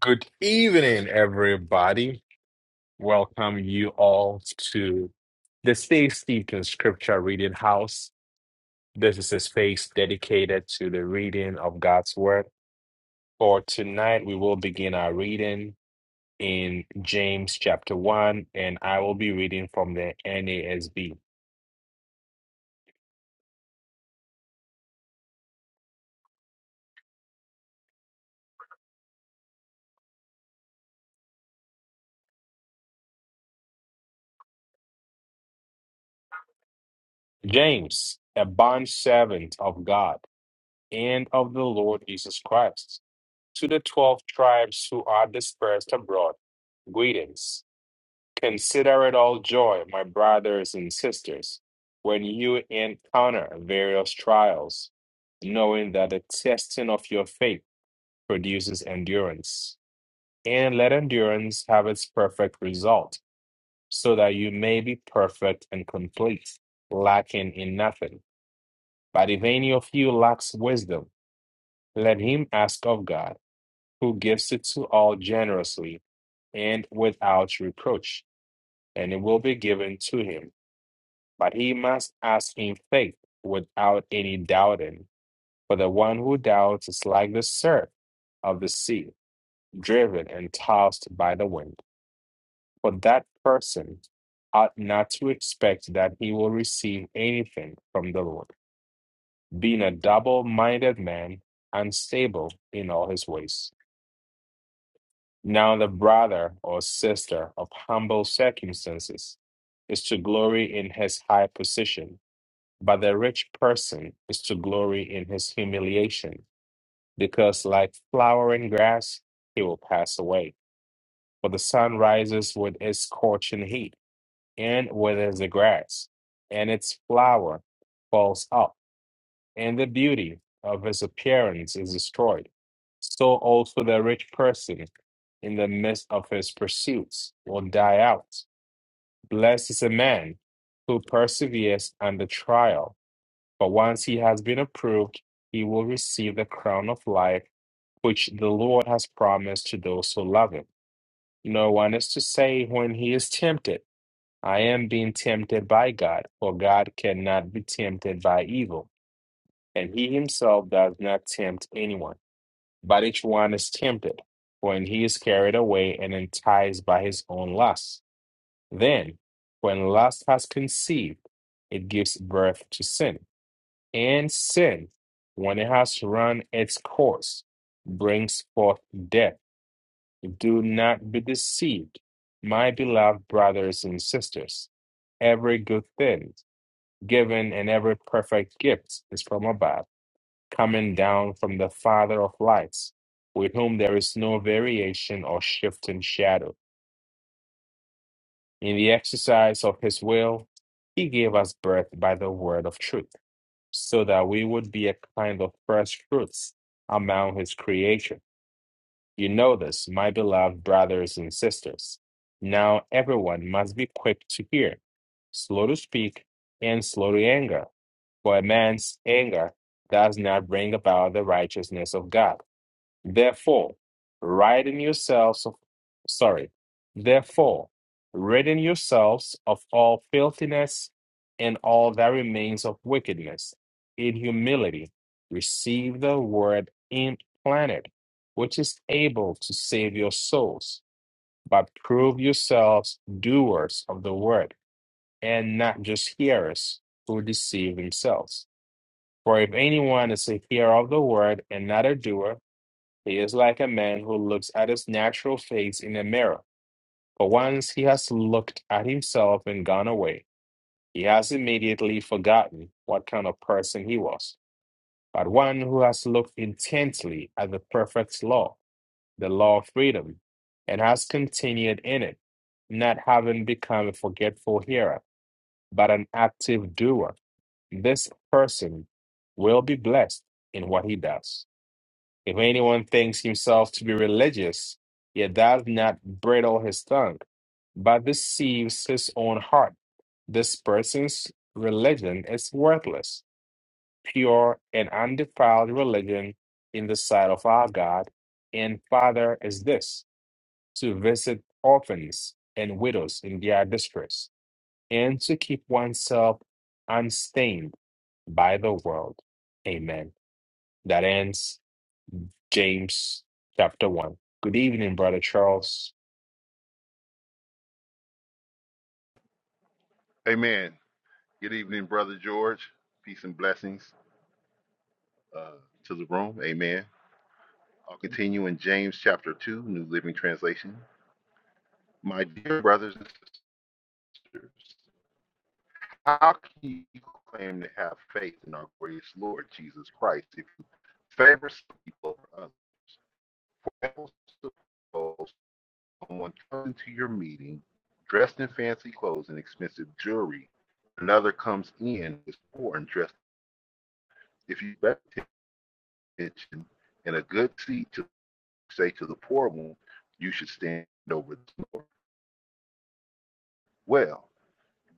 Good evening, everybody. Welcome you all to the Stay Steeped in Scripture Reading House. This is a space dedicated to the reading of God's Word. For tonight, we will begin our reading in James chapter 1, and I will be reading from the NASB. James, a bondservant of God and of the Lord Jesus Christ, to the 12 tribes who are dispersed abroad, greetings. Consider it all joy, my brothers and sisters, when you encounter various trials, knowing that the testing of your faith produces endurance. And let endurance have its perfect result, so that you may be perfect and complete, lacking in nothing. But if any of you lacks wisdom, let him ask of God, who gives it to all generously and without reproach, and it will be given to him. but he must ask in faith without any doubting. For the one who doubts is like the surf of the sea, driven and tossed by the wind. For that person ought not to expect that he will receive anything from the Lord, being a double minded man, unstable in all his ways. Now, the brother or sister of humble circumstances is to glory in his high position But the rich person is to glory in his humiliation, because like flowering grass, he will pass away. For the sun rises with its scorching heat and withers the grass, and its flower falls up, and the beauty of his appearance is destroyed. So also the rich person in the midst of his pursuits will die out. Blessed is a man who perseveres under trial But once he has been approved, he will receive the crown of life which the Lord has promised to those who love him. No one is to say when he is tempted, I am being tempted by God, for God cannot be tempted by evil, and he himself does not tempt anyone. But each one is tempted when he is carried away and enticed by his own lust. Then, when lust has conceived, it gives birth to sin and sin, when it has run its course, brings forth death. Do not be deceived, my beloved brothers and sisters. Every good thing given and every perfect gift is from above, coming down from the Father of lights, with whom there is no variation or shifting shadow. In the exercise of his will, he gave us birth by the word of truth so that we would be a kind of first fruits among his creation. You know this, my beloved brothers and sisters. Now everyone must be quick to hear, slow to speak, and slow to anger, for a man's anger does not bring about the righteousness of God. Therefore, ridding yourselves of sorry, therefore, ridding yourselves of all filthiness and all that remains of wickedness, in humility, receive the word implanted, which is able to save your souls. But prove yourselves doers of the word, and not just hearers who deceive themselves. For if anyone is a hearer of the word and not a doer, he is like a man who looks at his natural face in a mirror, but once he has looked at himself and gone away, he has immediately forgotten what kind of person he was. But one who has looked intently at the perfect law, the law of freedom, and has continued in it, not having become a forgetful hearer, but an active doer, this person will be blessed in what he does. If anyone thinks himself to be religious, yet does not bridle his tongue, but deceives his own heart, this person's religion is worthless. Pure and undefiled religion in the sight of our God and Father is this to visit orphans and widows in their distress, and to keep oneself unstained by the world. Amen. That ends James chapter 1. Good evening, Brother Charles. Amen. Good evening, Brother George. Peace and blessings uh, to the room. Amen. I'll continue in James chapter 2, New Living Translation. My dear brothers and sisters, how can you claim to have faith in our greatest Lord Jesus Christ if you favor some people over Suppose Someone comes to your meeting dressed in fancy clothes and expensive jewelry. Another comes in is poor and dressed. If you pay attention, and a good seat to say to the poor one, you should stand over the poor. Well,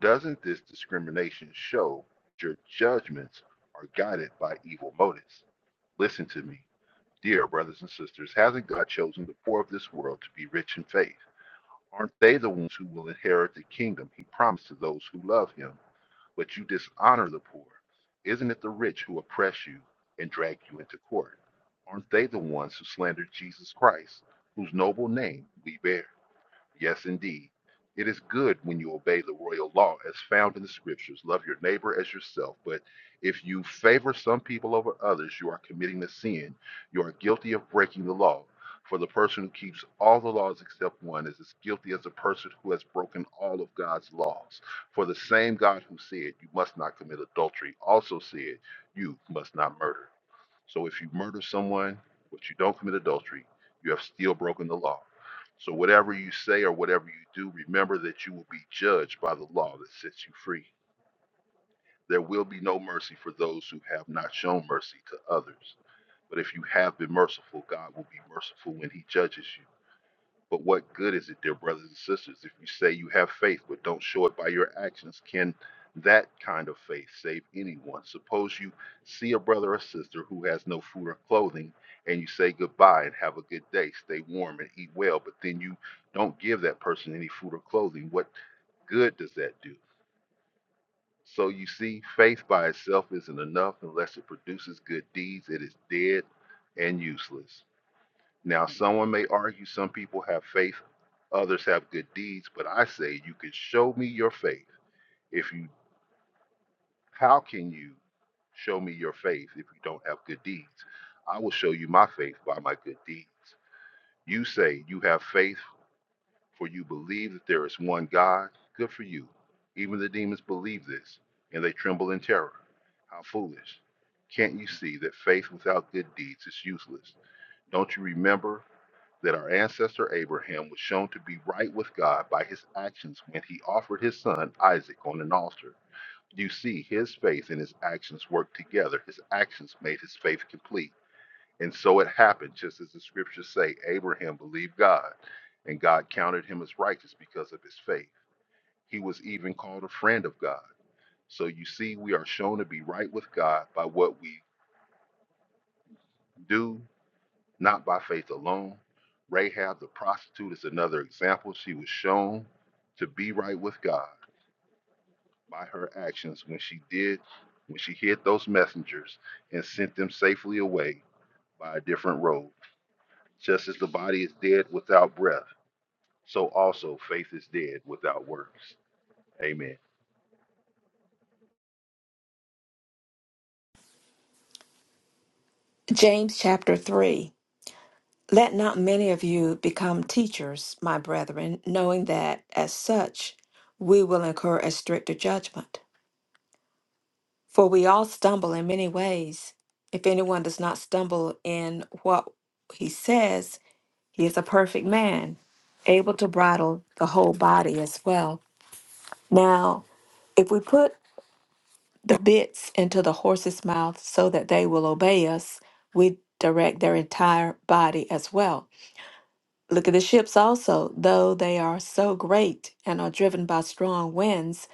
doesn't this discrimination show that your judgments are guided by evil motives? Listen to me, dear brothers and sisters. Hasn't God chosen the poor of this world to be rich in faith? Aren't they the ones who will inherit the kingdom he promised to those who love him? But you dishonor the poor. Isn't it the rich who oppress you and drag you into court? Aren't they the ones who slandered Jesus Christ, whose noble name we bear? Yes, indeed. It is good when you obey the royal law as found in the scriptures. Love your neighbor as yourself. But if you favor some people over others, you are committing a sin. You are guilty of breaking the law. For the person who keeps all the laws except one is as guilty as the person who has broken all of God's laws. For the same God who said, You must not commit adultery, also said, You must not murder. So if you murder someone, but you don't commit adultery, you have still broken the law so whatever you say or whatever you do, remember that you will be judged by the law that sets you free. There will be no mercy for those who have not shown mercy to others. But if you have been merciful, God will be merciful when he judges you. But what good is it, dear brothers and sisters, if you say you have faith but don't show it by your actions? Can that kind of faith save anyone? Suppose you see a brother or sister who has no food or clothing, and you say goodbye and have a good day, stay warm and eat well, but then you don't give that person any food or clothing. What good does that do? So you see, faith by itself isn't enough unless it produces good deeds. It is dead and useless. Now, someone may argue some people have faith, others have good deeds, but I say you can show me your faith. If you, how can you show me your faith if you don't have good deeds? I will show you my faith by my good deeds. You say you have faith, for you believe that there is one God. Good for you. Even the demons believe this, and they tremble in terror. How foolish! Can't you see that faith without good deeds is useless? Don't you remember? that our ancestor Abraham was shown to be right with God by his actions when he offered his son Isaac on an altar. You see, his faith and his actions worked together. His actions made his faith complete. And so it happened, just as the scriptures say Abraham believed God, and God counted him as righteous because of his faith. He was even called a friend of God. So you see, we are shown to be right with God by what we do not by faith alone. Rahab the prostitute is another example. She was shown to be right with God by her actions when she did, when she hid those messengers and sent them safely away by a different road. Just as the body is dead without breath, so also faith is dead without works. Amen. James chapter 3 Let not many of you become teachers, my brethren, knowing that as such we will incur a stricter judgment. For we all stumble in many ways. If anyone does not stumble in what he says, he is a perfect man, able to bridle the whole body as well. Now, if we put the bits into the horse's mouth so that they will obey us, we direct their entire body as well. Look at the ships also, though they are so great and are driven by strong winds,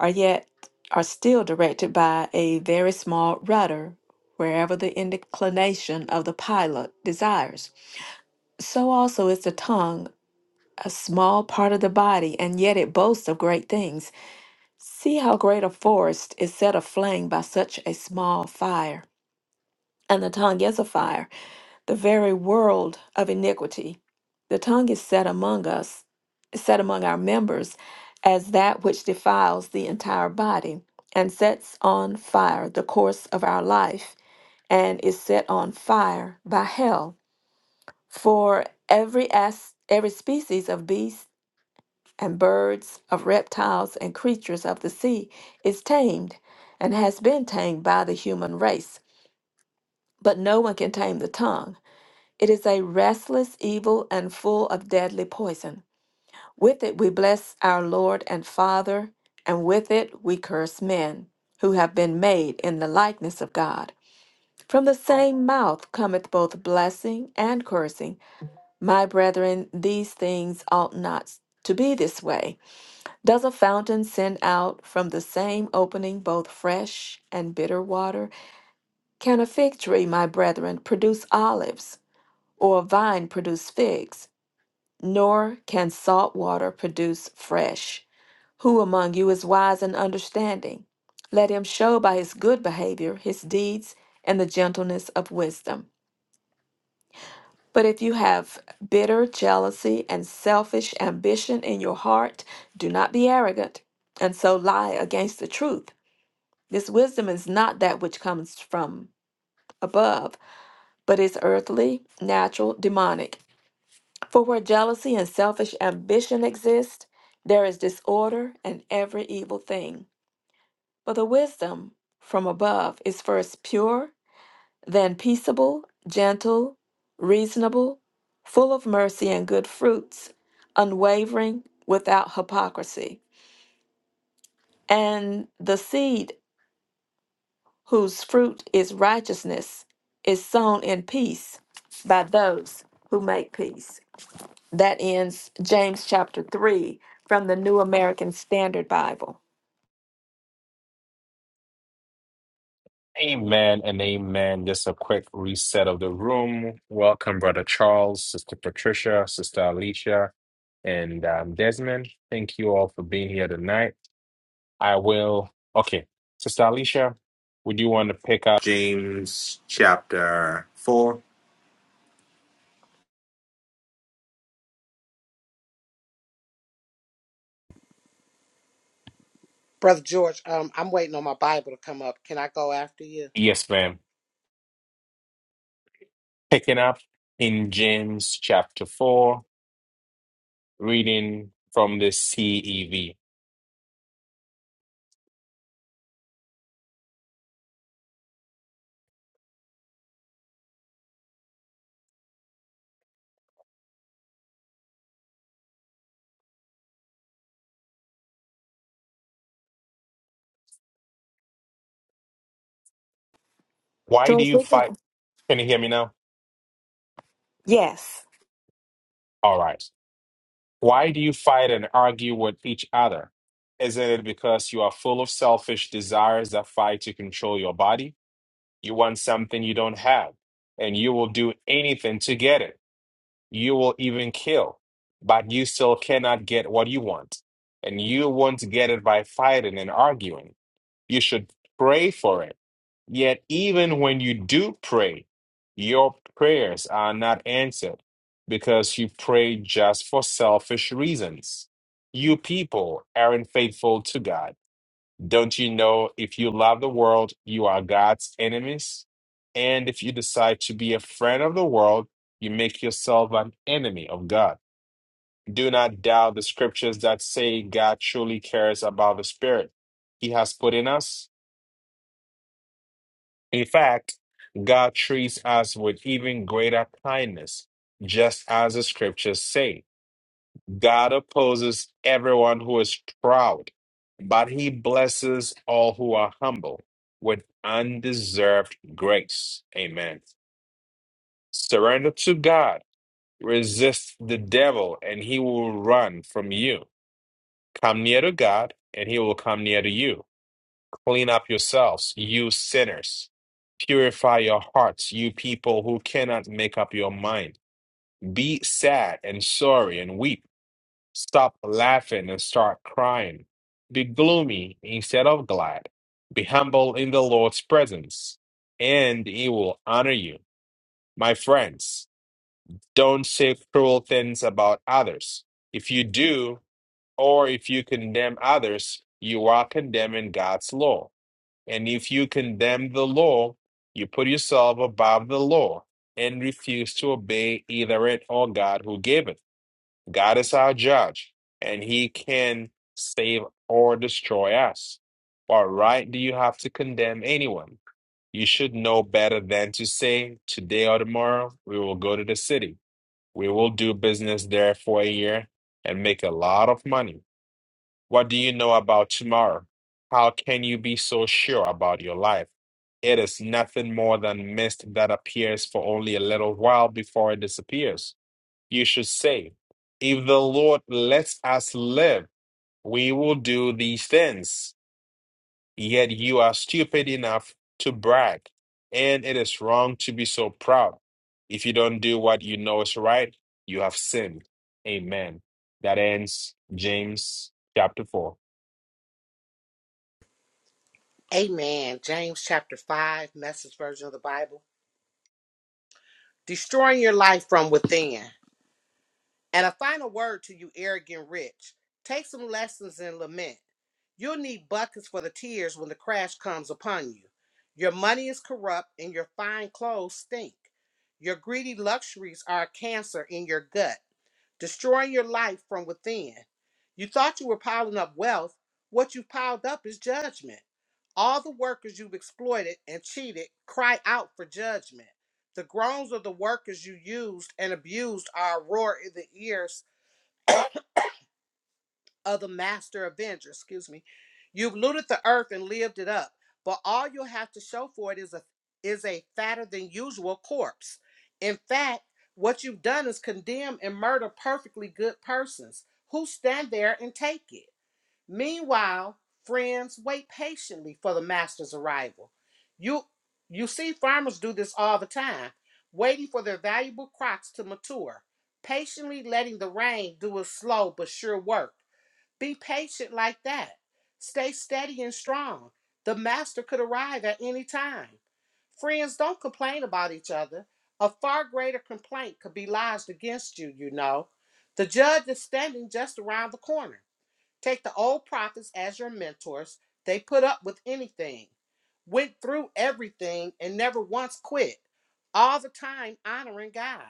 are yet are still directed by a very small rudder, wherever the inclination of the pilot desires. So also is the tongue, a small part of the body, and yet it boasts of great things. See how great a forest is set aflame by such a small fire. And the tongue is a fire the very world of iniquity. The tongue is set among us, is set among our members, as that which defiles the entire body, and sets on fire the course of our life, and is set on fire by hell. For every as, every species of beasts and birds, of reptiles and creatures of the sea is tamed, and has been tamed by the human race, but no one can tame the tongue. It is a restless evil and full of deadly poison. With it we bless our Lord and Father, and with it we curse men who have been made in the likeness of God. From the same mouth cometh both blessing and cursing. My brethren, these things ought not to be this way. Does a fountain send out from the same opening both fresh and bitter water? Can a fig tree, my brethren, produce olives, or a vine produce figs? nor can salt water produce fresh. Who among you is wise and understanding? Let him show by his good behavior his deeds and the gentleness of wisdom. But if you have bitter jealousy and selfish ambition in your heart, do not be arrogant, and so lie against the truth. This wisdom is not that which comes from above, but is earthly, natural, demonic. For where jealousy and selfish ambition exist, there is disorder and every evil thing. But the wisdom from above is first pure, then peaceable, gentle, reasonable, full of mercy and good fruits, unwavering, without hypocrisy. And the seed whose fruit is righteousness is sown in peace by those who make peace. That ends James chapter 3 from the New American Standard Bible. Amen and amen. Just a quick reset of the room. Welcome, Brother Charles, Sister Patricia, Sister Alicia, and um, Desmond. Thank you all for being here tonight. I will. Okay, Sister Alicia, would you want to pick up? James chapter 4. Brother George, um, I'm waiting on my Bible to come up. Can I go after you? Yes, ma'am. Picking up in James chapter 4, reading from the CEV. Why do George, you we fight? can. Can you hear me now? Yes. All right. Why do you fight and argue with each other? Isn't it because you are full of selfish desires that fight to control your body? You want something you don't have, and you will do anything to get it. You will even kill, but you still cannot get what you want. And you won't get it by fighting and arguing. You should pray for it. Yet, even when you do pray, your prayers are not answered because you pray just for selfish reasons. You people aren't faithful to God. Don't you know if you love the world, you are God's enemies? And if you decide to be a friend of the world, you make yourself an enemy of God. Do not doubt the scriptures that say God truly cares about the spirit He has put in us In fact, God treats us with even greater kindness, just as the scriptures say. God opposes everyone who is proud, but he blesses all who are humble with undeserved grace. Amen. Surrender to God, resist the devil, and he will run from you. Come near to God, and he will come near to you. Clean up yourselves, you sinners. Purify your hearts, you people who cannot make up your mind. Be sad and sorry and weep. Stop laughing and start crying. Be gloomy instead of glad. Be humble in the Lord's presence, and he will honor you. My friends, don't say cruel things about others. If you do, or if you condemn others, you are condemning God's law and if you condemn the law, you put yourself above the law and refuse to obey either it or God who gave it. God is our judge, and he can save or destroy us. What right do you have to condemn anyone? You should know better than to say, Today or tomorrow, we will go to the city. We will do business there for a year and make a lot of money. What do you know about tomorrow? How can you be so sure about your life? It is nothing more than mist that appears for only a little while before it disappears. You should say, If the Lord lets us live, we will do these things. Yet you are stupid enough to brag, and it is wrong to be so proud. If you don't do what you know is right, you have sinned. Amen. That ends James chapter 4. Amen. James chapter 5, message version of the Bible. Destroying your life from within. And a final word to you, arrogant rich. Take some lessons in lament. You'll need buckets for the tears when the crash comes upon you. Your money is corrupt and your fine clothes stink. Your greedy luxuries are a cancer in your gut, destroying your life from within. You thought you were piling up wealth. What you have piled up is judgment. All the workers you've exploited and cheated cry out for judgment. The groans of the workers you used and abused are a roar in the ears of the master avenger. Excuse me. You've looted the earth and lived it up, but all you'll have to show for it is a is a fatter than usual corpse. In fact, what you've done is condemn and murder perfectly good persons who stand there and take it. Meanwhile, friends wait patiently for the master's arrival. You you see farmers do this all the time, waiting for their valuable crops to mature, patiently letting the rain do its slow but sure work. Be patient like that. Stay steady and strong. The master could arrive at any time. Friends don't complain about each other. A far greater complaint could be lodged against you, you know. The judge is standing just around the corner. Take the old prophets as your mentors. They put up with anything, went through everything, and never once quit, all the time honoring God.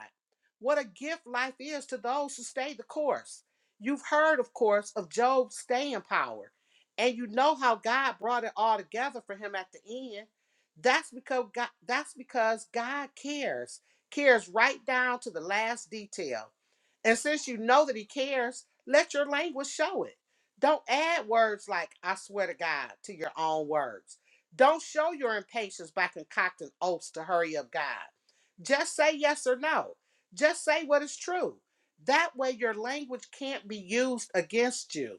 What a gift life is to those who stay the course. You've heard, of course, of Job's staying power, and you know how God brought it all together for him at the end. That's because God, that's because God cares, cares right down to the last detail. And since you know that He cares, let your language show it. Don't add words like I swear to God to your own words. Don't show your impatience by concocting oaths to hurry up God. Just say yes or no. Just say what is true. That way your language can't be used against you.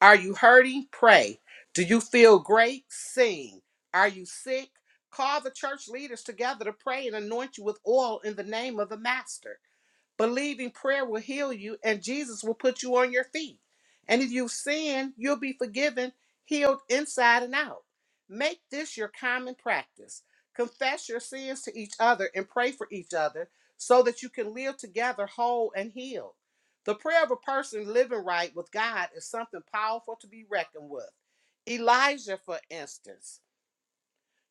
Are you hurting? Pray. Do you feel great? Sing. Are you sick? Call the church leaders together to pray and anoint you with oil in the name of the Master. Believing prayer will heal you and Jesus will put you on your feet. And if you sin, you'll be forgiven, healed inside and out. Make this your common practice. Confess your sins to each other and pray for each other so that you can live together whole and healed. The prayer of a person living right with God is something powerful to be reckoned with. Elijah, for instance.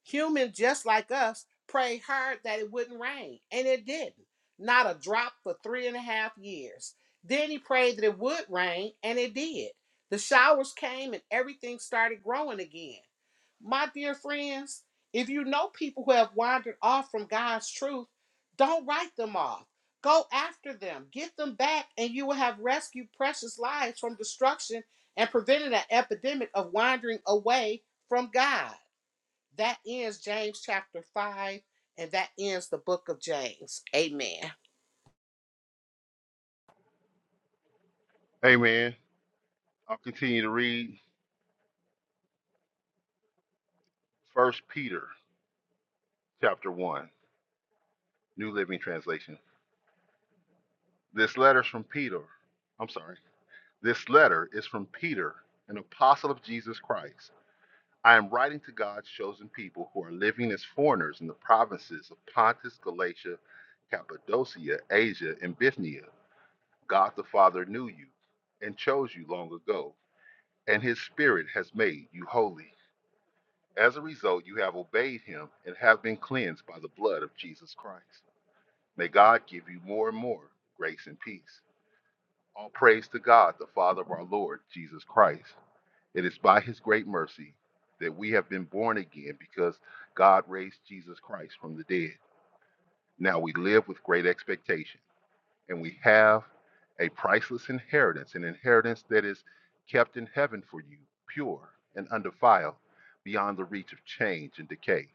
Humans just like us prayed hard that it wouldn't rain, and it didn't. Not a drop for three and a half years. Then he prayed that it would rain, and it did. The showers came and everything started growing again. My dear friends, if you know people who have wandered off from God's truth, don't write them off. Go after them, get them back, and you will have rescued precious lives from destruction and prevented an epidemic of wandering away from God. That ends James chapter 5, and that ends the book of James. Amen. Amen. I'll continue to read First Peter chapter one, New Living Translation. This letter's from Peter. I'm sorry. This letter is from Peter, an apostle of Jesus Christ. I am writing to God's chosen people who are living as foreigners in the provinces of Pontus, Galatia, Cappadocia, Asia, and Bithynia. God the Father knew you and chose you long ago, and his Spirit has made you holy. As a result, you have obeyed him and have been cleansed by the blood of Jesus Christ. May God give you more and more grace and peace. All praise to God, the Father of our Lord Jesus Christ It is by his great mercy that we have been born again because God raised Jesus Christ from the dead. Now we live with great expectation and we have a priceless inheritance, an inheritance that is kept in heaven for you, pure and undefiled, beyond the reach of change and decay.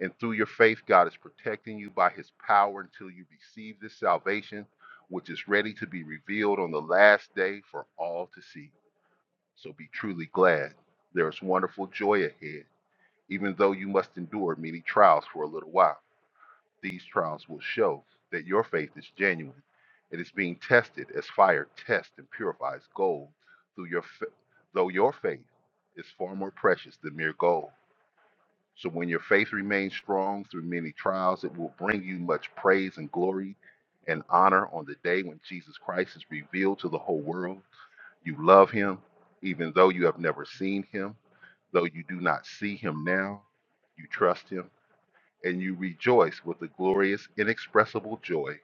And through your faith, God is protecting you by his power until you receive this salvation, which is ready to be revealed on the last day for all to see. So be truly glad. There is wonderful joy ahead, even though you must endure many trials for a little while. These trials will show that your faith is genuine. It is being tested as fire tests and purifies gold, through your fa- though your faith is far more precious than mere gold. So when your faith remains strong through many trials, it will bring you much praise and glory and honor on the day when Jesus Christ is revealed to the whole world. You love him, even though you have never seen him Though you do not see him now, you trust him and you rejoice with the glorious, inexpressible joy.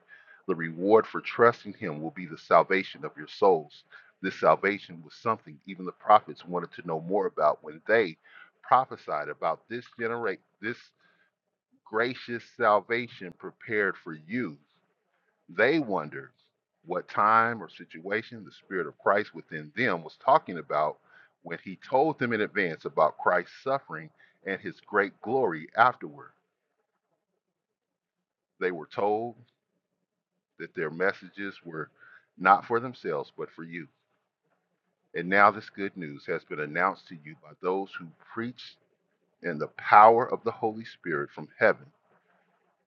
The reward for trusting him will be the salvation of your souls. This salvation was something even the prophets wanted to know more about when they prophesied about this generate this gracious salvation prepared for you they wondered what time or situation the Spirit of Christ within them was talking about when he told them in advance about Christ's suffering and his great glory afterward. They were told that their messages were not for themselves, but for you. And now this good news has been announced to you by those who preach in the power of the Holy Spirit from heaven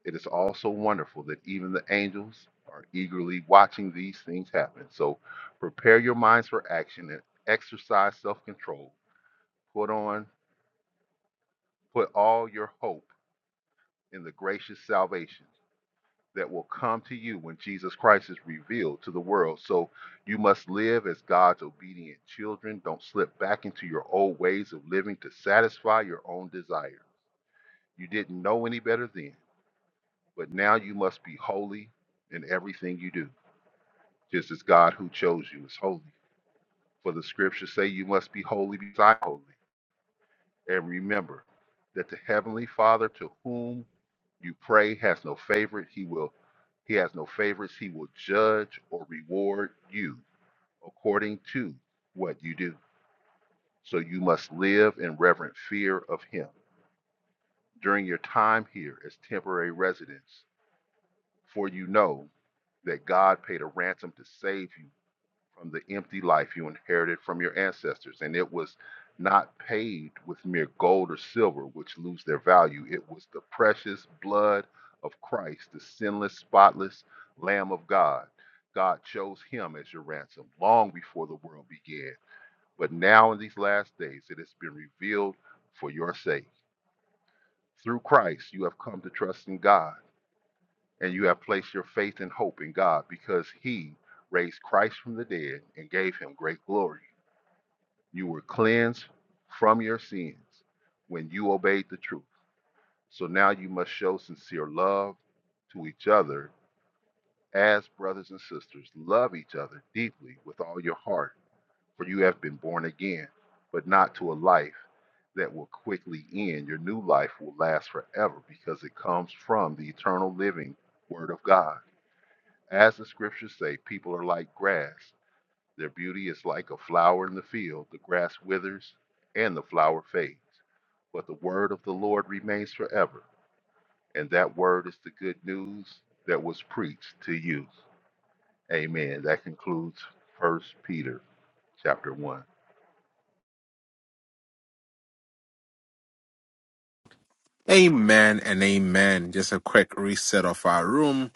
It is also wonderful that even the angels are eagerly watching these things happen. So prepare your minds for action and exercise self-control. Put on, put all your hope in the gracious salvation that will come to you when Jesus Christ is revealed to the world. So you must live as God's obedient children. Don't slip back into your old ways of living to satisfy your own desire. You didn't know any better then, but now you must be holy in everything you do. just as God who chose you is holy. For the scriptures say you must be holy because I am holy. And remember that the heavenly Father to whom you pray has no favorite. He will he has no favorites. He will judge or reward you according to what you do. So you must live in reverent fear of him during your time here as temporary residents, for you know that God paid a ransom to save you from the empty life you inherited from your ancestors, and it was not paid with mere gold or silver, which lose their value. It was the precious blood of Christ, the sinless, spotless Lamb of God. God chose him as your ransom long before the world began. But now, in these last days, it has been revealed for your sake. Through Christ, you have come to trust in God, and you have placed your faith and hope in God because he raised Christ from the dead and gave him great glory. You were cleansed from your sins when you obeyed the truth. So now you must show sincere love to each other as brothers and sisters. Love each other deeply with all your heart, for you have been born again, but not to a life that will quickly end. Your new life will last forever because it comes from the eternal living Word of God. As the scriptures say, people are like grass. Their beauty is like a flower in the field. The grass withers and the flower fades, but the word of the Lord remains forever. And that word is the good news that was preached to you. Amen. That concludes First Peter chapter 1. Amen and amen. Just a quick reset of our room.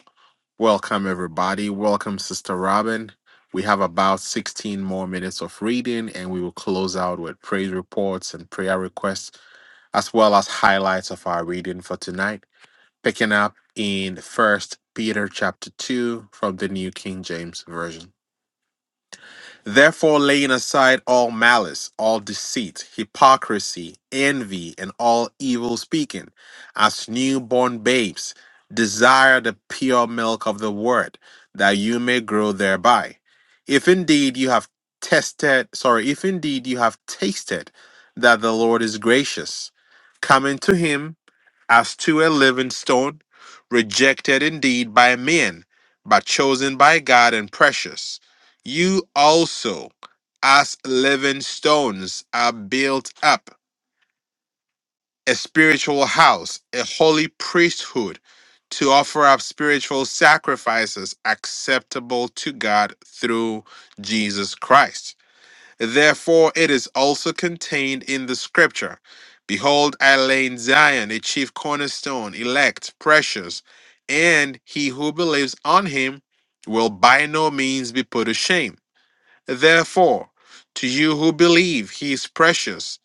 Welcome, everybody. Welcome, Sister Robin. We have about 16 more minutes of reading, and we will close out with praise reports and prayer requests, as well as highlights of our reading for tonight. Picking up in First Peter chapter 2 from the New King James Version. Therefore, laying aside all malice, all deceit, hypocrisy, envy, and all evil speaking, as newborn babes, desire the pure milk of the word, that you may grow thereby. If indeed you have tested, sorry, if indeed you have tasted that the Lord is gracious, come into him as to a living stone, rejected indeed by men, but chosen by God and precious. You also, as living stones, are built up a spiritual house, a holy priesthood, to offer up spiritual sacrifices acceptable to God through Jesus Christ. Therefore, it is also contained in the scripture Behold, I lay in Zion a chief cornerstone, elect, precious, and he who believes on him will by no means be put to shame. Therefore, to you who believe, he is precious,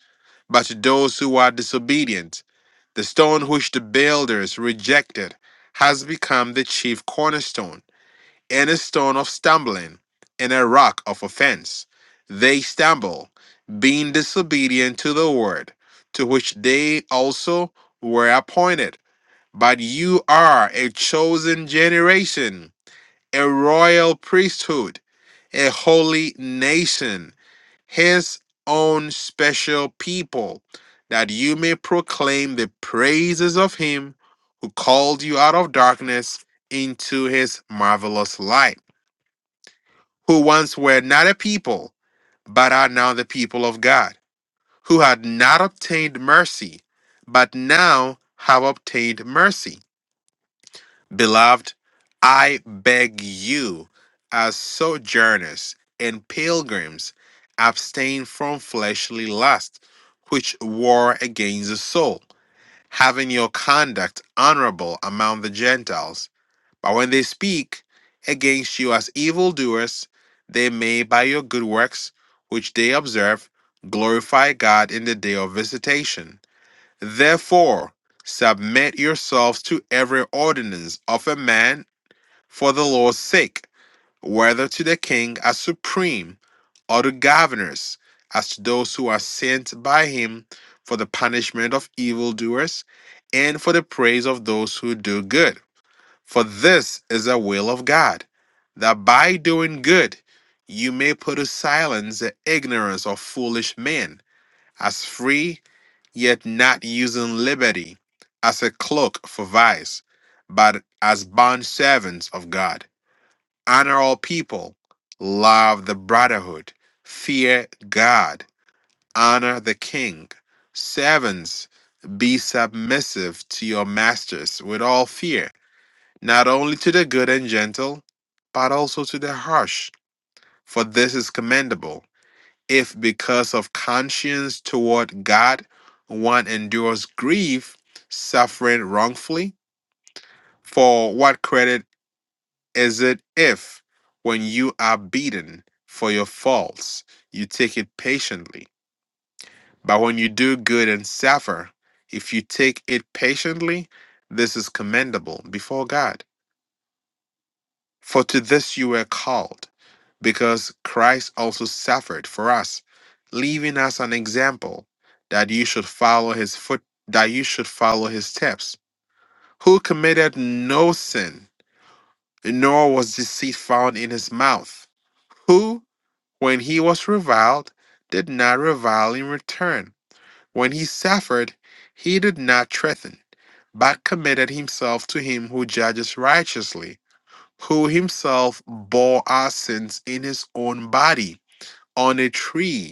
but to those who are disobedient, the stone which the builders rejected has become the chief cornerstone and a stone of stumbling, and a rock of offense. They stumble, being disobedient to the word, to which they also were appointed. But you are a chosen generation, a royal priesthood, a holy nation, his own special people, that you may proclaim the praises of him who called you out of darkness into his marvelous light who once were not a people, but are now the people of God, who had not obtained mercy, but now have obtained mercy. Beloved, I beg you, as sojourners and pilgrims, abstain from fleshly lust, which war against the soul, having your conduct honorable among the Gentiles but when they speak against you as evildoers, they may, by your good works, which they observe, glorify God in the day of visitation. Therefore, submit yourselves to every ordinance of a man for the Lord's sake, whether to the king as supreme, or to governors, as to those who are sent by him for the punishment of evildoers and for the praise of those who do good for this is the will of God, that by doing good you may put to silence the ignorance of foolish men, as free, yet not using liberty as a cloak for vice, but as bond servants of God. Honor all people, love the brotherhood, fear God, honor the king. Servants, be submissive to your masters with all fear not only to the good and gentle, but also to the harsh. For this is commendable, if because of conscience toward God one endures grief, suffering wrongfully. For what credit is it if, when you are beaten for your faults, you take it patiently? But when you do good and suffer, if you take it patiently, this is commendable before God. because Christ also suffered for us, leaving us an example that you should follow his foot that you should follow his steps, who committed no sin, nor was found in his mouth, who, when he was reviled, did not revile in return. When he suffered, he did not threaten, but committed himself to him who judges righteously, who himself bore our sins in his own body on a tree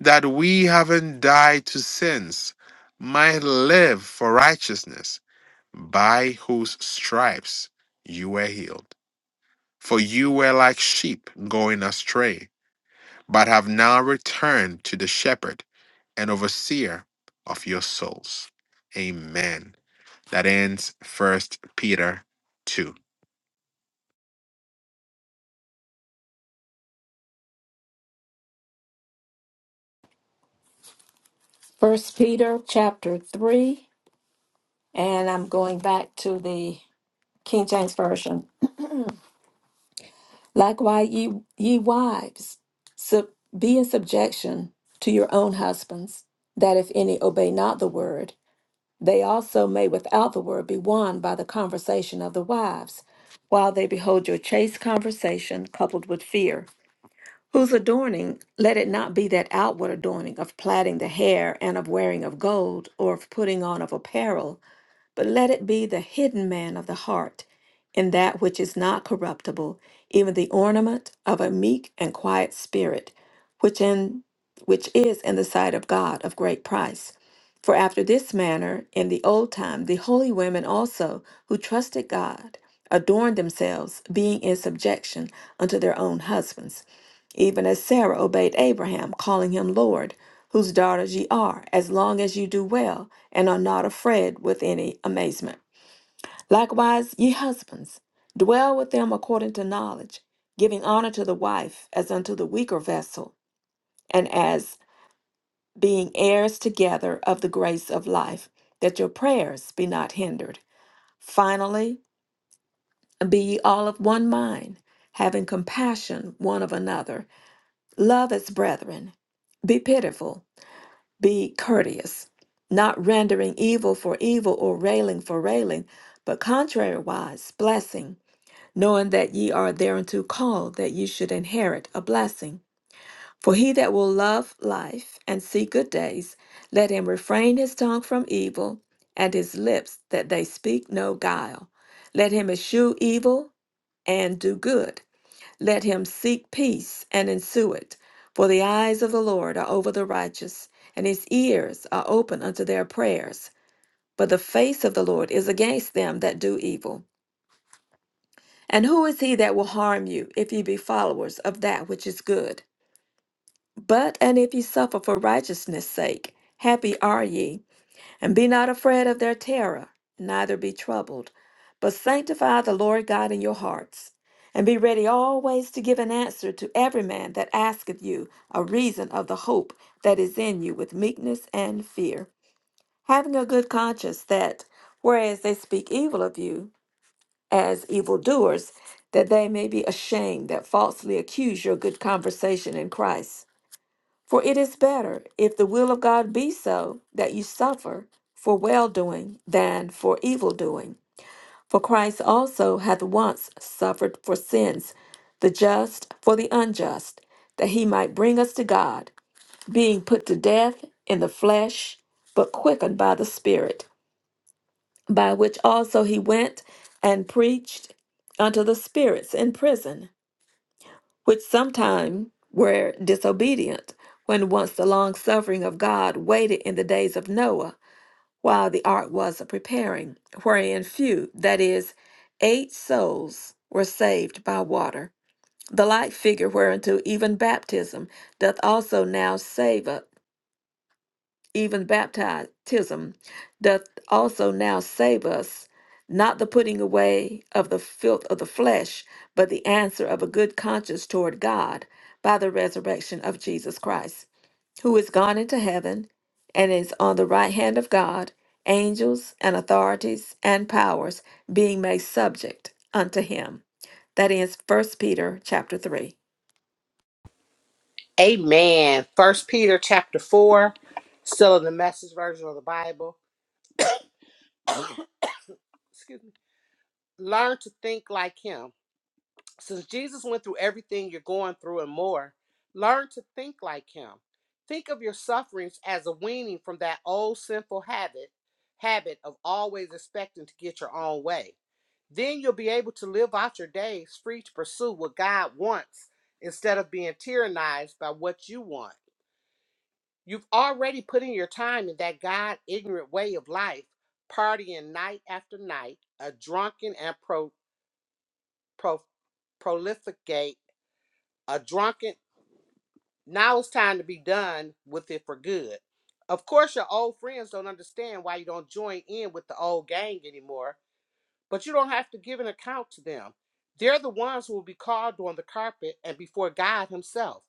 that we haven't died to sins, might live for righteousness, by whose stripes you were healed. For you were like sheep going astray, but have now returned to the shepherd and overseer of your souls. Amen. That ends First Peter 2. First Peter chapter 3, and I'm going back to the King James Version. Likewise, ye, ye wives, sub, be in subjection to your own husbands, that if any obey not the word, they also may without the word be won by the conversation of the wives, while they behold your chaste conversation coupled with fear. Whose adorning, let it not be that outward adorning of plaiting the hair and of wearing of gold or of putting on of apparel, but let it be the hidden man of the heart, in that which is not corruptible, even the ornament of a meek and quiet spirit, which in which is in the sight of God of great price. For after this manner, in the old time, the holy women also, who trusted God, adorned themselves, being in subjection unto their own husbands even as Sarah obeyed Abraham, calling him Lord, whose daughters ye are, as long as ye do well, and are not afraid with any amazement. Likewise, ye husbands, dwell with them according to knowledge, giving honor to the wife as unto the weaker vessel, and as being heirs together of the grace of life, that your prayers be not hindered. Finally, be ye all of one mind, having compassion one of another, love as brethren, be pitiful. Be courteous, not rendering evil for evil or railing for railing, but contrariwise, blessing, knowing that ye are thereunto called, that ye should inherit a blessing. For he that will love life and see good days, let him refrain his tongue from evil, and his lips that they speak no guile. Let him eschew evil and do good. Let him seek peace and ensue it. For the eyes of the Lord are over the righteous, and his ears are open unto their prayers. But the face of the Lord is against them that do evil. And who is he that will harm you, if ye be followers of that which is good? But and if ye suffer for righteousness' sake, happy are ye. And be not afraid of their terror, neither be troubled, but sanctify the Lord God in your hearts. And be ready always to give an answer to every man that asketh you a reason of the hope that is in you with meekness and fear, having a good conscience that, whereas they speak evil of you as evildoers, that they may be ashamed that falsely accuse your good conversation in Christ. For it is better, if the will of God be so, that you suffer for well doing than for evil doing. For Christ also hath once suffered for sins, the just for the unjust, that he might bring us to God, being put to death in the flesh, but quickened by the Spirit, by which also he went and preached unto the spirits in prison which sometime were disobedient, when once the long suffering of God waited in the days of Noah, while the ark was a preparing, wherein few, that is, eight souls, were saved by water. The like figure whereunto even baptism doth also now save us even baptism doth also now save us, not the putting away of the filth of the flesh, but the answer of a good conscience toward God by the resurrection of Jesus Christ, who is gone into heaven and is on the right hand of God, angels and authorities and powers being made subject unto him. That is First Peter chapter 3. Amen. First Peter chapter 4, still in the message version of the Bible. Excuse me. Learn to think like him. Since Jesus went through everything you're going through and more, learn to think like him. Think of your sufferings as a weaning from that old sinful habit, habit of always expecting to get your own way. Then you'll be able to live out your days free to pursue what God wants instead of being tyrannized by what you want. You've already put in your time in that God ignorant way of life, partying night after night, a drunken and pro, pro, prolificate, a drunken. Now it's time to be done with it for good. Of course, your old friends don't understand why you don't join in with the old gang anymore but you don't have to give an account to them. They're the ones who will be called on the carpet and before God Himself.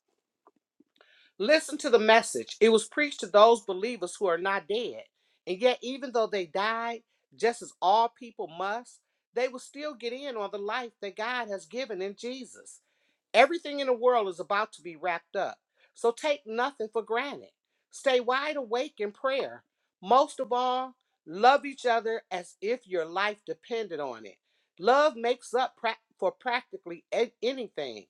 Listen to the message. It was preached to those believers who are not dead. And yet, even though they died, just as all people must, they will still get in on the life that God has given in Jesus. Everything in the world is about to be wrapped up. So take nothing for granted. Stay wide awake in prayer. Most of all, love each other as if your life depended on it. Love makes up prac- for practically a- anything.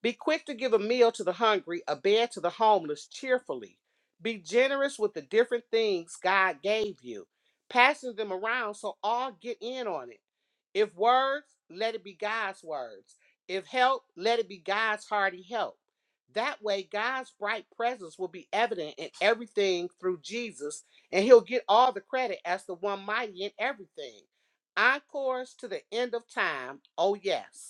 Be quick to give a meal to the hungry, a bed to the homeless cheerfully. Be generous with the different things God gave you, passing them around so all get in on it. If words, let it be God's words. If help, let it be God's hearty help. That way, God's bright presence will be evident in everything through Jesus, and He'll get all the credit as the one mighty in everything. Encores to the end of time. Oh, yes.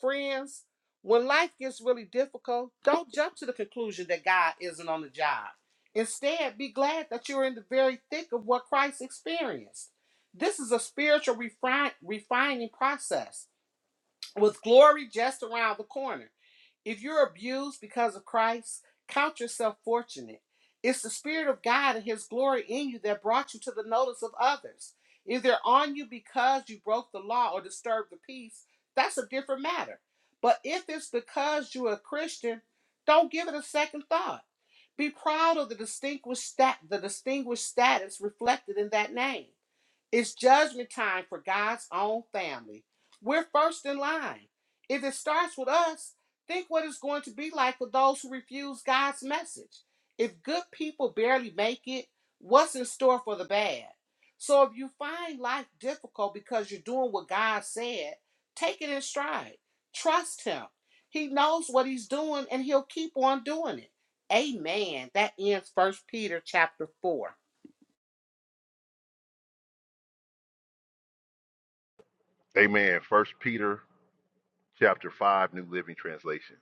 Friends, when life gets really difficult, don't jump to the conclusion that God isn't on the job. Instead, be glad that you're in the very thick of what Christ experienced. This is a spiritual refine, refining process with glory just around the corner. If you're abused because of Christ, count yourself fortunate. It's the Spirit of God and His glory in you that brought you to the notice of others. If they're on you because you broke the law or disturbed the peace, that's a different matter. But if it's because you're a Christian, don't give it a second thought. Be proud of the distinguished stat the distinguished status reflected in that name. It's judgment time for God's own family. We're first in line. If it starts with us, think what it's going to be like for those who refuse God's message. If good people barely make it, what's in store for the bad? So if you find life difficult because you're doing what God said, take it in stride. Trust Him. He knows what He's doing and He'll keep on doing it. Amen. That ends First Peter chapter 4. Amen. First Peter chapter 5, New Living Translation.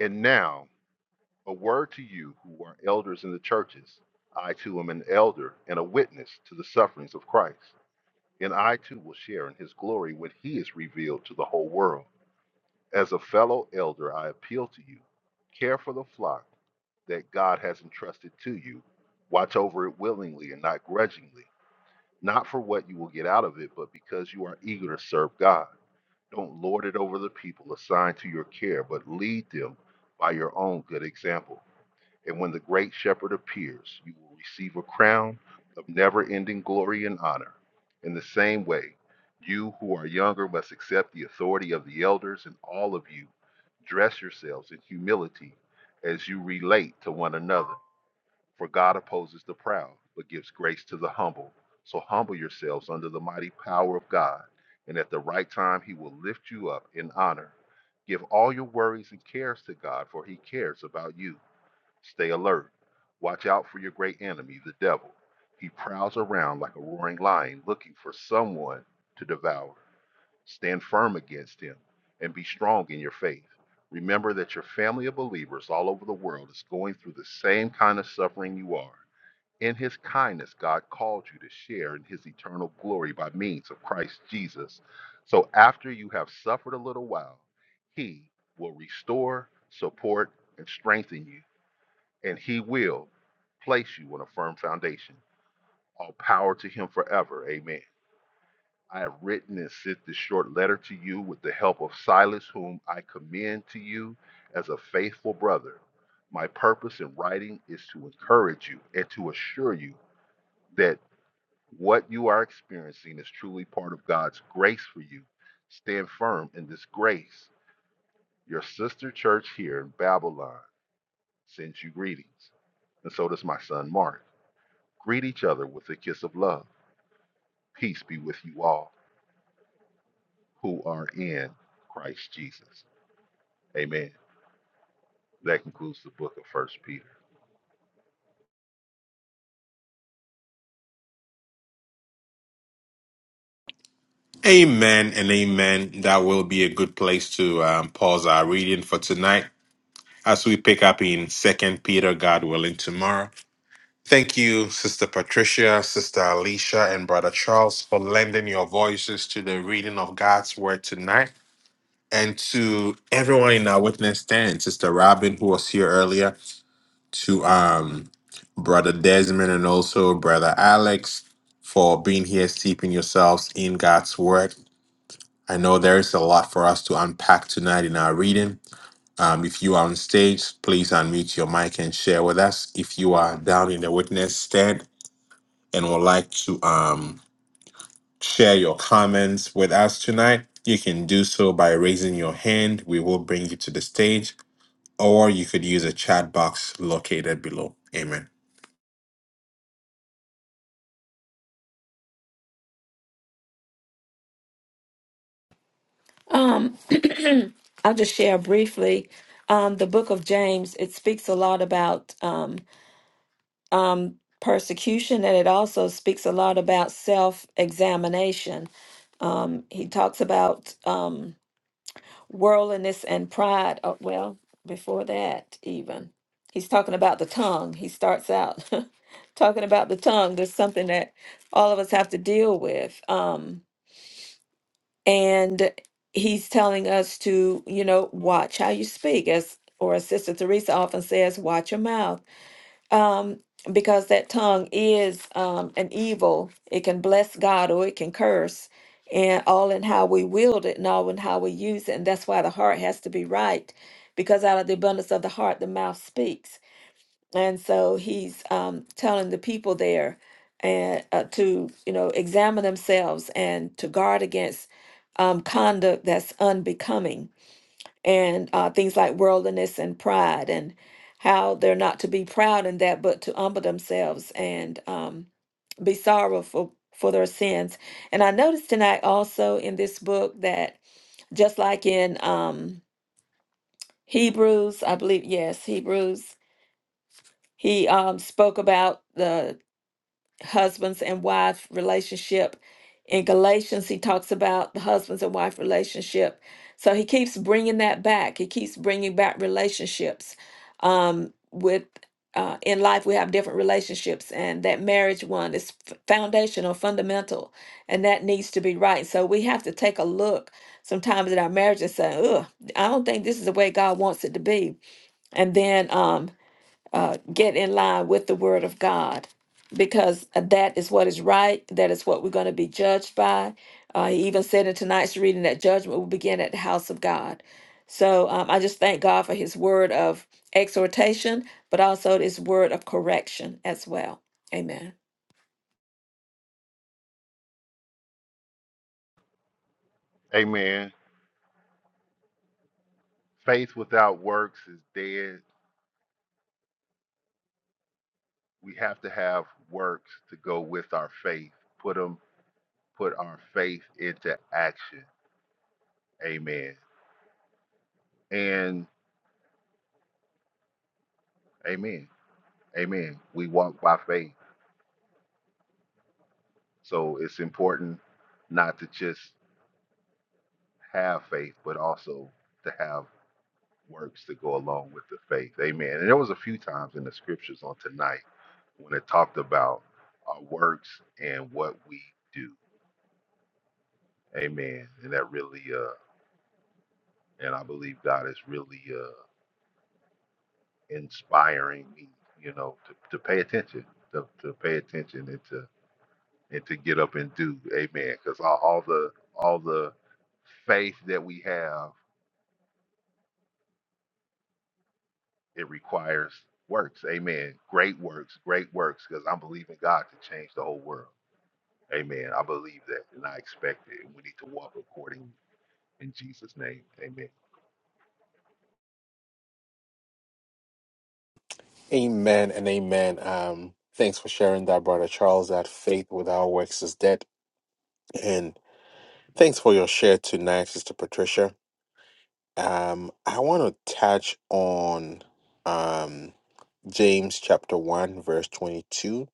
And now, a word to you who are elders in the churches. I too am an elder and a witness to the sufferings of Christ And I too will share in his glory when he is revealed to the whole world. As a fellow elder, I appeal to you care for the flock that God has entrusted to you. Watch over it willingly and not grudgingly, not for what you will get out of it, but because you are eager to serve God. Don't lord it over the people assigned to your care, but lead them by your own good example. And when the great shepherd appears, you will receive a crown of never ending glory and honor. In the same way, you who are younger must accept the authority of the elders, and all of you dress yourselves in humility as you relate to one another. For God opposes the proud, but gives grace to the humble. So humble yourselves under the mighty power of God, and at the right time, he will lift you up in honor. Give all your worries and cares to God, for he cares about you. Stay alert. Watch out for your great enemy, the devil. He prowls around like a roaring lion looking for someone to devour. Stand firm against him and be strong in your faith. Remember that your family of believers all over the world is going through the same kind of suffering you are. In his kindness, God called you to share in his eternal glory by means of Christ Jesus. So after you have suffered a little while, he will restore, support, and strengthen you and he will place you on a firm foundation. All power to him forever. Amen. I have written and sent this short letter to you with the help of Silas, whom I commend to you as a faithful brother. My purpose in writing is to encourage you and to assure you that what you are experiencing is truly part of God's grace for you. Stand firm in this grace. Your sister church here in Babylon sends you greetings, and so does my son Mark. Greet each other with a kiss of love. Peace be with you all who are in Christ Jesus. Amen. That concludes the book of First Peter. Amen and amen. That will be a good place to um, pause our reading for tonight. as we pick up in Second Peter, God willing, tomorrow. Thank you, Sister Patricia, Sister Alicia, and Brother Charles for lending your voices to the reading of God's word tonight. And to everyone in our witness stand, Sister Robin, who was here earlier, to um Brother Desmond and also Brother Alex for being here, steeping yourselves in God's word. I know there is a lot for us to unpack tonight in our reading. Um, if you are on stage, please unmute your mic and share with us. If you are down in the witness stand and would like to um, share your comments with us tonight, you can do so by raising your hand. We will bring you to the stage, or you could use a chat box located below. Amen. Um, I'll just share briefly. Um, the book of James, it speaks a lot about um, um, persecution and it also speaks a lot about self examination. Um, he talks about um, worldliness and pride. Oh, well, before that, even. He's talking about the tongue. He starts out talking about the tongue. There's something that all of us have to deal with. Um, and he's telling us to you know watch how you speak as or as sister teresa often says watch your mouth um because that tongue is um an evil it can bless god or it can curse and all in how we wield it and all in how we use it and that's why the heart has to be right because out of the abundance of the heart the mouth speaks and so he's um, telling the people there and uh, to you know examine themselves and to guard against um, conduct that's unbecoming and uh, things like worldliness and pride and how they're not to be proud in that but to humble themselves and um, be sorrowful for their sins. And I noticed tonight also in this book that just like in um, Hebrews, I believe yes Hebrews, he um, spoke about the husbands and wife relationship. In Galatians, he talks about the husbands and wife relationship. So he keeps bringing that back. He keeps bringing back relationships. Um, with uh, in life, we have different relationships, and that marriage one is f- foundational, fundamental, and that needs to be right. So we have to take a look sometimes at our marriage and say, "Ugh, I don't think this is the way God wants it to be." And then, um, uh, get in line with the word of God because that is what is right. That is what we're going to be judged by. Uh, he even said in tonight's reading that judgment will begin at the house of God. So um, I just thank God for his word of exhortation, but also his word of correction as well. Amen. Amen. Faith without works is dead. We have to have works to go with our faith. Put them, put our faith into action. Amen. And amen. Amen. We walk by faith. So it's important not to just have faith, but also to have works to go along with the faith. Amen. And there was a few times in the scriptures on tonight when it talked about our works and what we do. Amen. And that really uh and I believe God is really uh inspiring me, you know, to, to pay attention, to, to pay attention and to and to get up and do. Amen. Because all, all the all the faith that we have, it requires works. Amen. Great works, great works, because I'm believing God to change the whole world. Amen. I believe that and I expect it. We need to walk according in Jesus' name. Amen. Amen and amen. Um, thanks for sharing that, Brother Charles, that faith without works is dead. And thanks for your share tonight, Sister Patricia. Um, I want to touch on um, James chapter 1, verse 22,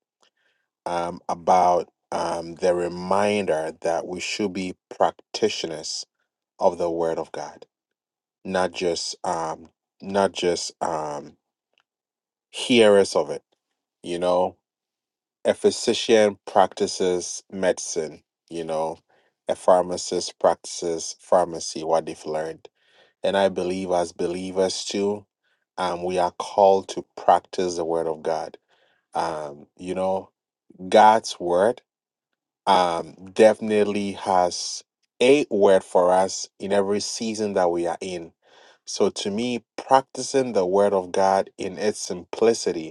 um, about um, the reminder that we should be practitioners of the word of God, not just um, not just um, hearers of it. You know, a physician practices medicine, you know, a pharmacist practices pharmacy, what they've learned And I believe as believers too, um, we are called to practice the word of God. Um, you know, God's word um, definitely has a word for us in every season that we are in. So to me, practicing the word of God in its simplicity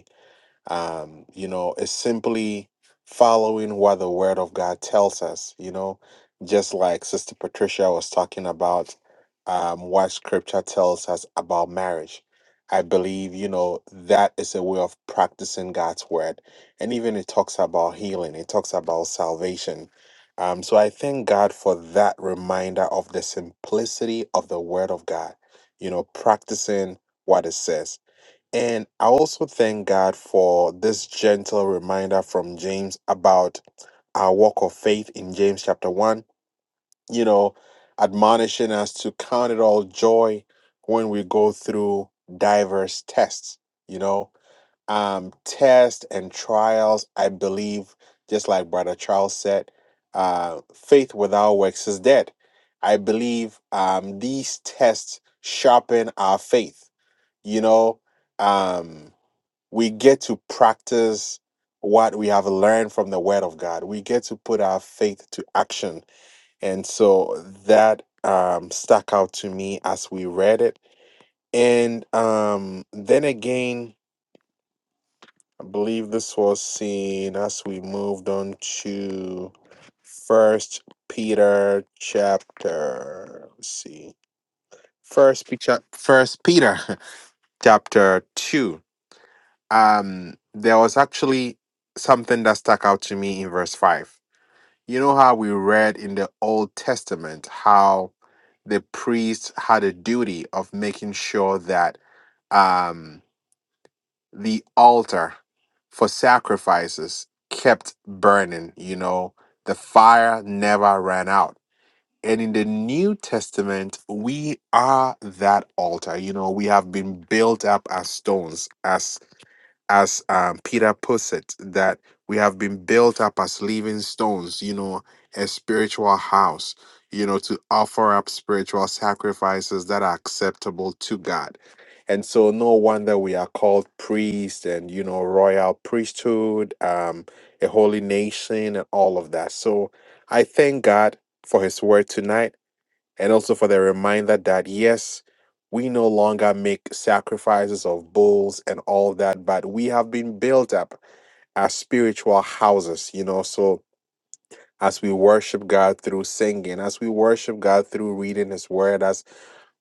um, you know, is simply following what the Word of God tells us, you know, just like Sister Patricia was talking about um, what Scripture tells us about marriage. I believe, you know, that is a way of practicing God's Word. And even it talks about healing, it talks about salvation. Um, so I thank God for that reminder of the simplicity of the Word of God, you know, practicing what it says and I also thank God for this gentle reminder from James about our walk of faith in James chapter 1, you know, admonishing us to count it all joy when we go through diverse tests, you know, um, tests and trials. I believe, just like Brother Charles said, uh, faith without works is dead. I believe um, these tests sharpen our faith, you know. Um, we get to practice what we have learned from the word of god we get to put our faith to action and so that um, stuck out to me as we read it and um, then again i believe this was seen as we moved on to first peter chapter let's see first peter first peter chapter 2 um there was actually something that stuck out to me in verse 5 you know how we read in the old testament how the priest had a duty of making sure that um the altar for sacrifices kept burning you know the fire never ran out and in the new testament we are that altar you know we have been built up as stones as as um, Peter puts it, that we have been built up as living stones, you know, a spiritual house, you know, to offer up spiritual sacrifices that are acceptable to God. And so, no wonder we are called priest and, you know, royal priesthood, um, a holy nation, and all of that. So, I thank God for his word tonight and also for the reminder that yes, we no longer make sacrifices of bulls and all that, but we have been built up as spiritual houses, you know. So as we worship God through singing, as we worship God through reading His Word, as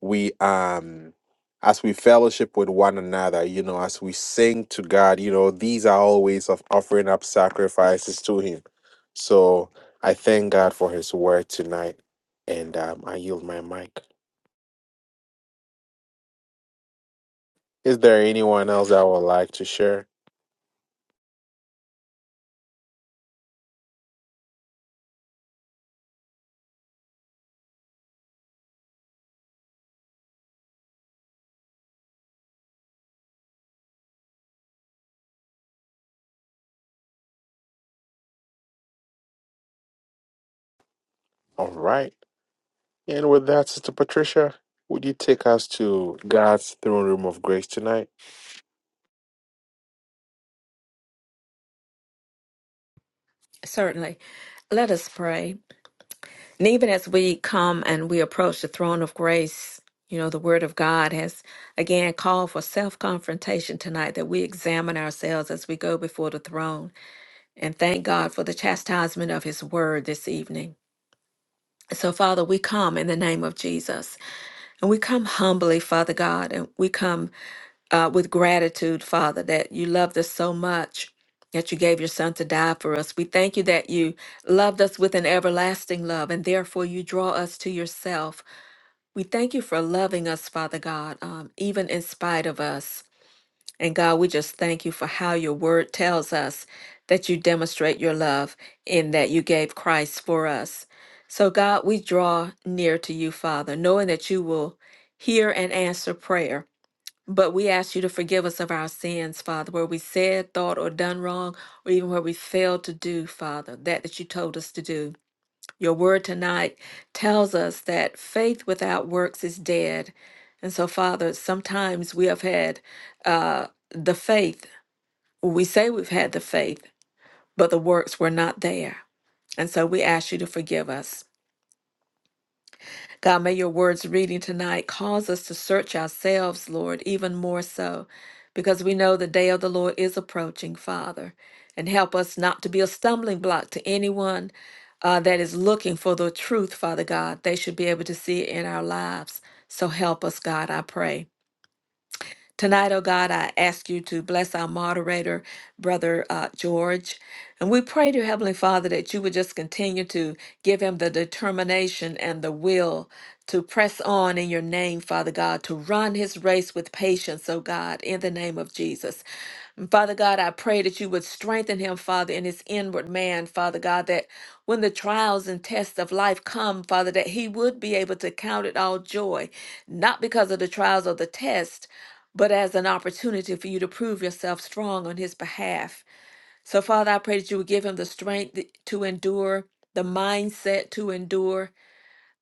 we um as we fellowship with one another, you know, as we sing to God, you know, these are all ways of offering up sacrifices to Him. So I thank God for His Word tonight, and um, I yield my mic. Is there anyone else that would like to share? All right. And with that, Sister Patricia, would you take us to God's throne room of grace tonight? Certainly. Let us pray. And even as we come and we approach the throne of grace, you know, the word of God has again called for self confrontation tonight that we examine ourselves as we go before the throne and thank God for the chastisement of his word this evening. So, Father, we come in the name of Jesus and we come humbly, Father God, and we come uh, with gratitude, Father, that you loved us so much that you gave your son to die for us. We thank you that you loved us with an everlasting love, and therefore you draw us to yourself. We thank you for loving us, Father God, um, even in spite of us. And God, we just thank you for how your word tells us that you demonstrate your love in that you gave Christ for us. So, God, we draw near to you, Father, knowing that you will hear and answer prayer. But we ask you to forgive us of our sins, Father, where we said, thought, or done wrong, or even where we failed to do, Father, that that you told us to do. Your word tonight tells us that faith without works is dead. And so, Father, sometimes we have had uh, the faith. We say we've had the faith, but the works were not there. And so we ask you to forgive us. God, may your words reading tonight cause us to search ourselves, Lord, even more so, because we know the day of the Lord is approaching, Father. And help us not to be a stumbling block to anyone uh, that is looking for the truth, Father God. They should be able to see it in our lives. So help us, God, I pray. Tonight, oh God, I ask you to bless our moderator, Brother uh, George. And we pray to Heavenly Father that you would just continue to give him the determination and the will to press on in your name, Father God, to run his race with patience, oh God, in the name of Jesus. And Father God, I pray that you would strengthen him, Father, in his inward man, Father God, that when the trials and tests of life come, Father, that he would be able to count it all joy, not because of the trials or the test, but as an opportunity for you to prove yourself strong on his behalf. So, Father, I pray that you would give him the strength to endure, the mindset to endure,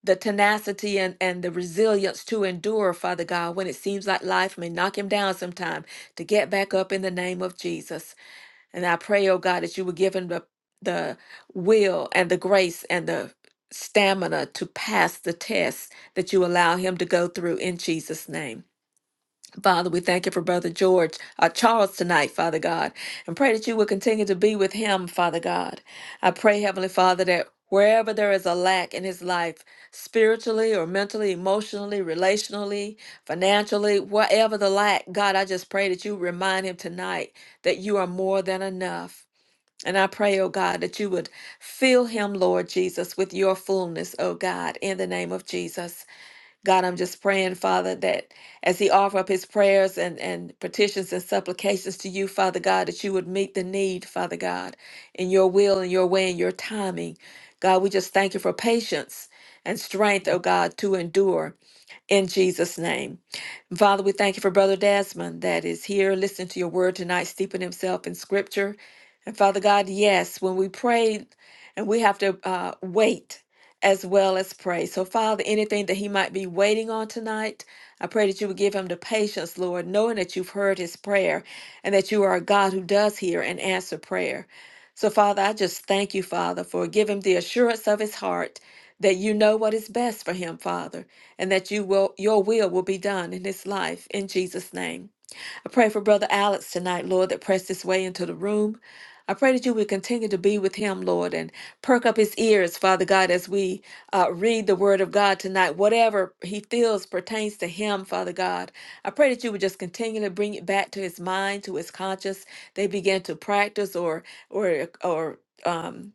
the tenacity and, and the resilience to endure, Father God, when it seems like life may knock him down sometime, to get back up in the name of Jesus. And I pray, oh God, that you would give him the, the will and the grace and the stamina to pass the test that you allow him to go through in Jesus' name. Father, we thank you for Brother George, uh, Charles tonight, Father God, and pray that you will continue to be with him, Father God. I pray, Heavenly Father, that wherever there is a lack in his life, spiritually or mentally, emotionally, relationally, financially, whatever the lack, God, I just pray that you remind him tonight that you are more than enough. And I pray, oh God, that you would fill him, Lord Jesus, with your fullness, oh God, in the name of Jesus. God, I'm just praying, Father, that as he offer up his prayers and, and petitions and supplications to you, Father God, that you would meet the need, Father God, in your will and your way and your timing. God, we just thank you for patience and strength, oh God, to endure in Jesus' name. Father, we thank you for Brother Desmond that is here listening to your word tonight, steeping himself in scripture. And Father God, yes, when we pray and we have to uh, wait as well as pray. So, Father, anything that he might be waiting on tonight, I pray that you would give him the patience, Lord, knowing that you've heard his prayer and that you are a God who does hear and answer prayer. So, Father, I just thank you, Father, for giving him the assurance of his heart that you know what is best for him, Father and that you will your will will be done in his life in Jesus name. I pray for brother Alex tonight, Lord, that pressed his way into the room. I pray that you would continue to be with him, Lord, and perk up his ears, Father God, as we uh, read the word of God tonight. Whatever he feels pertains to him, Father God, I pray that you would just continue to bring it back to his mind, to his conscience. They begin to practice or or or um,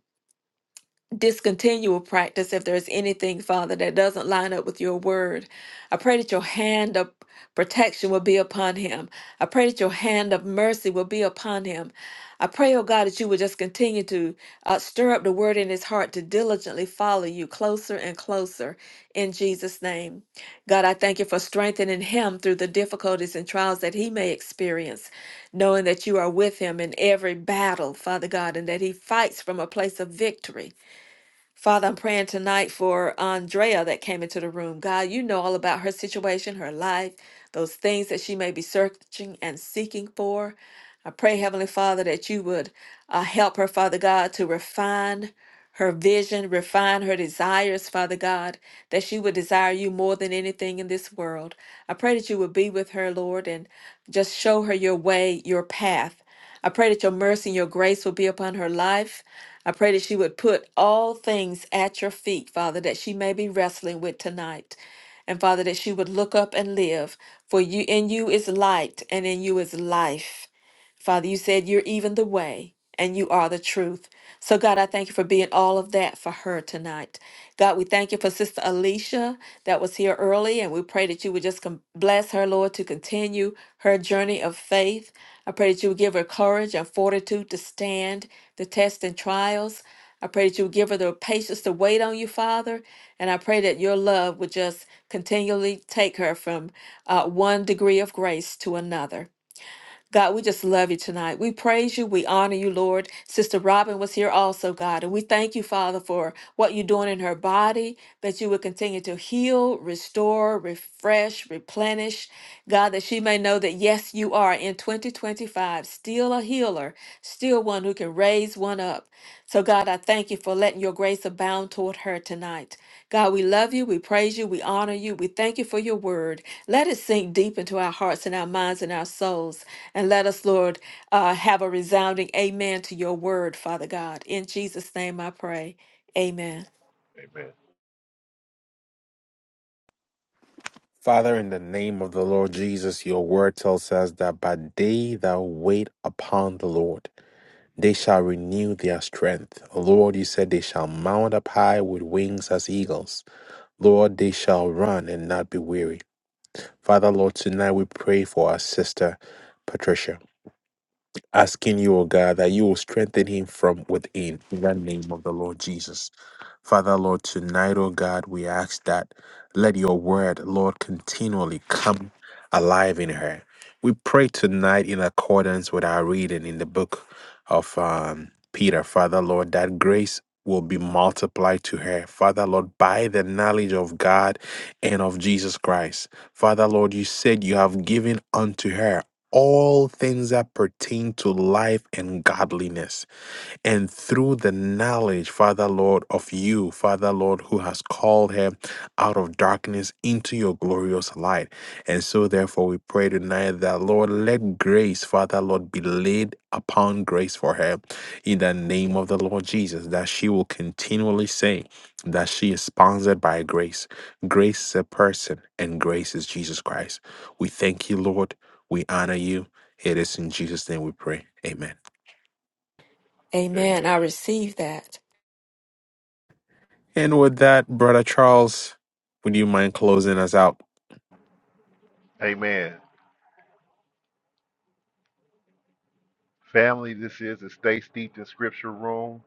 discontinue a practice if there's anything, Father, that doesn't line up with your word. I pray that your hand of protection will be upon him. I pray that your hand of mercy will be upon him. I pray, oh God, that you would just continue to uh, stir up the word in his heart to diligently follow you closer and closer in Jesus' name. God, I thank you for strengthening him through the difficulties and trials that he may experience, knowing that you are with him in every battle, Father God, and that he fights from a place of victory. Father, I'm praying tonight for Andrea that came into the room. God, you know all about her situation, her life, those things that she may be searching and seeking for. I pray, Heavenly Father, that you would uh, help her, Father God, to refine her vision, refine her desires, Father God, that she would desire you more than anything in this world. I pray that you would be with her, Lord, and just show her your way, your path. I pray that your mercy and your grace will be upon her life. I pray that she would put all things at your feet, Father, that she may be wrestling with tonight. And Father, that she would look up and live, for you in you is light and in you is life. Father, you said you're even the way and you are the truth. So, God, I thank you for being all of that for her tonight. God, we thank you for Sister Alicia that was here early, and we pray that you would just com- bless her, Lord, to continue her journey of faith. I pray that you would give her courage and fortitude to stand the tests and trials. I pray that you would give her the patience to wait on you, Father. And I pray that your love would just continually take her from uh, one degree of grace to another. God, we just love you tonight. We praise you. We honor you, Lord. Sister Robin was here also, God. And we thank you, Father, for what you're doing in her body, that you would continue to heal, restore, refresh, replenish. God, that she may know that, yes, you are in 2025 still a healer, still one who can raise one up. So, God, I thank you for letting your grace abound toward her tonight. God, we love you. We praise you. We honor you. We thank you for your word. Let it sink deep into our hearts and our minds and our souls. And let us, Lord, uh, have a resounding amen to your word, Father God. In Jesus' name I pray. Amen. Amen. Father, in the name of the Lord Jesus, your word tells us that by they that wait upon the Lord, they shall renew their strength. Lord, you said they shall mount up high with wings as eagles. Lord, they shall run and not be weary. Father, Lord, tonight we pray for our sister Patricia. asking you, O God, that you will strengthen him from within in the name of the Lord Jesus. Father, Lord, tonight, O God, we ask that let your word, Lord, continually come alive in her. We pray tonight in accordance with our reading in the book of um, Peter, Father, Lord, that grace will be multiplied to her, Father, Lord, by the knowledge of God and of Jesus Christ. Father, Lord, you said you have given unto her all things that pertain to life and godliness. And through the knowledge, Father Lord, of you, Father Lord, who has called her out of darkness into your glorious light. And so, therefore, we pray tonight that, Lord, let grace, Father Lord, be laid upon grace for her in the name of the Lord Jesus, that she will continually say, that she is sponsored by grace. Grace is a person, and grace is Jesus Christ. We thank you, Lord. We honor you. It is in Jesus' name we pray. Amen. Amen. Amen. I receive that. And with that, Brother Charles, would you mind closing us out? Amen. Family, this is the Stay Steeped in Scripture Room.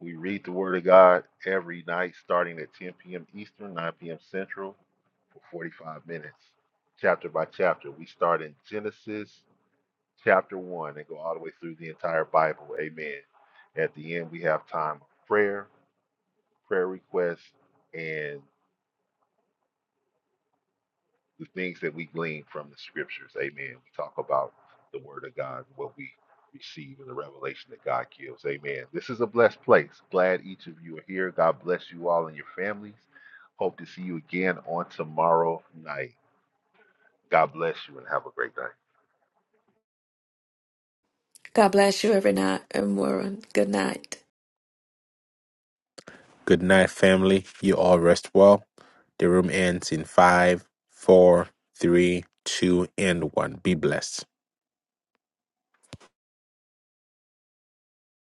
We read the Word of God every night starting at 10 p.m. Eastern, 9 p.m. Central for 45 minutes, chapter by chapter. We start in Genesis chapter 1 and go all the way through the entire Bible. Amen. At the end, we have time of prayer, prayer requests, and the things that we glean from the scriptures. Amen. We talk about the word of God, what we receive and the revelation that God gives. Amen. This is a blessed place. Glad each of you are here. God bless you all and your families. Hope to see you again on tomorrow night. God bless you and have a great night. God bless you every night, everyone. Good night. Good night, family. You all rest well. The room ends in five, four, three, two, and one. Be blessed.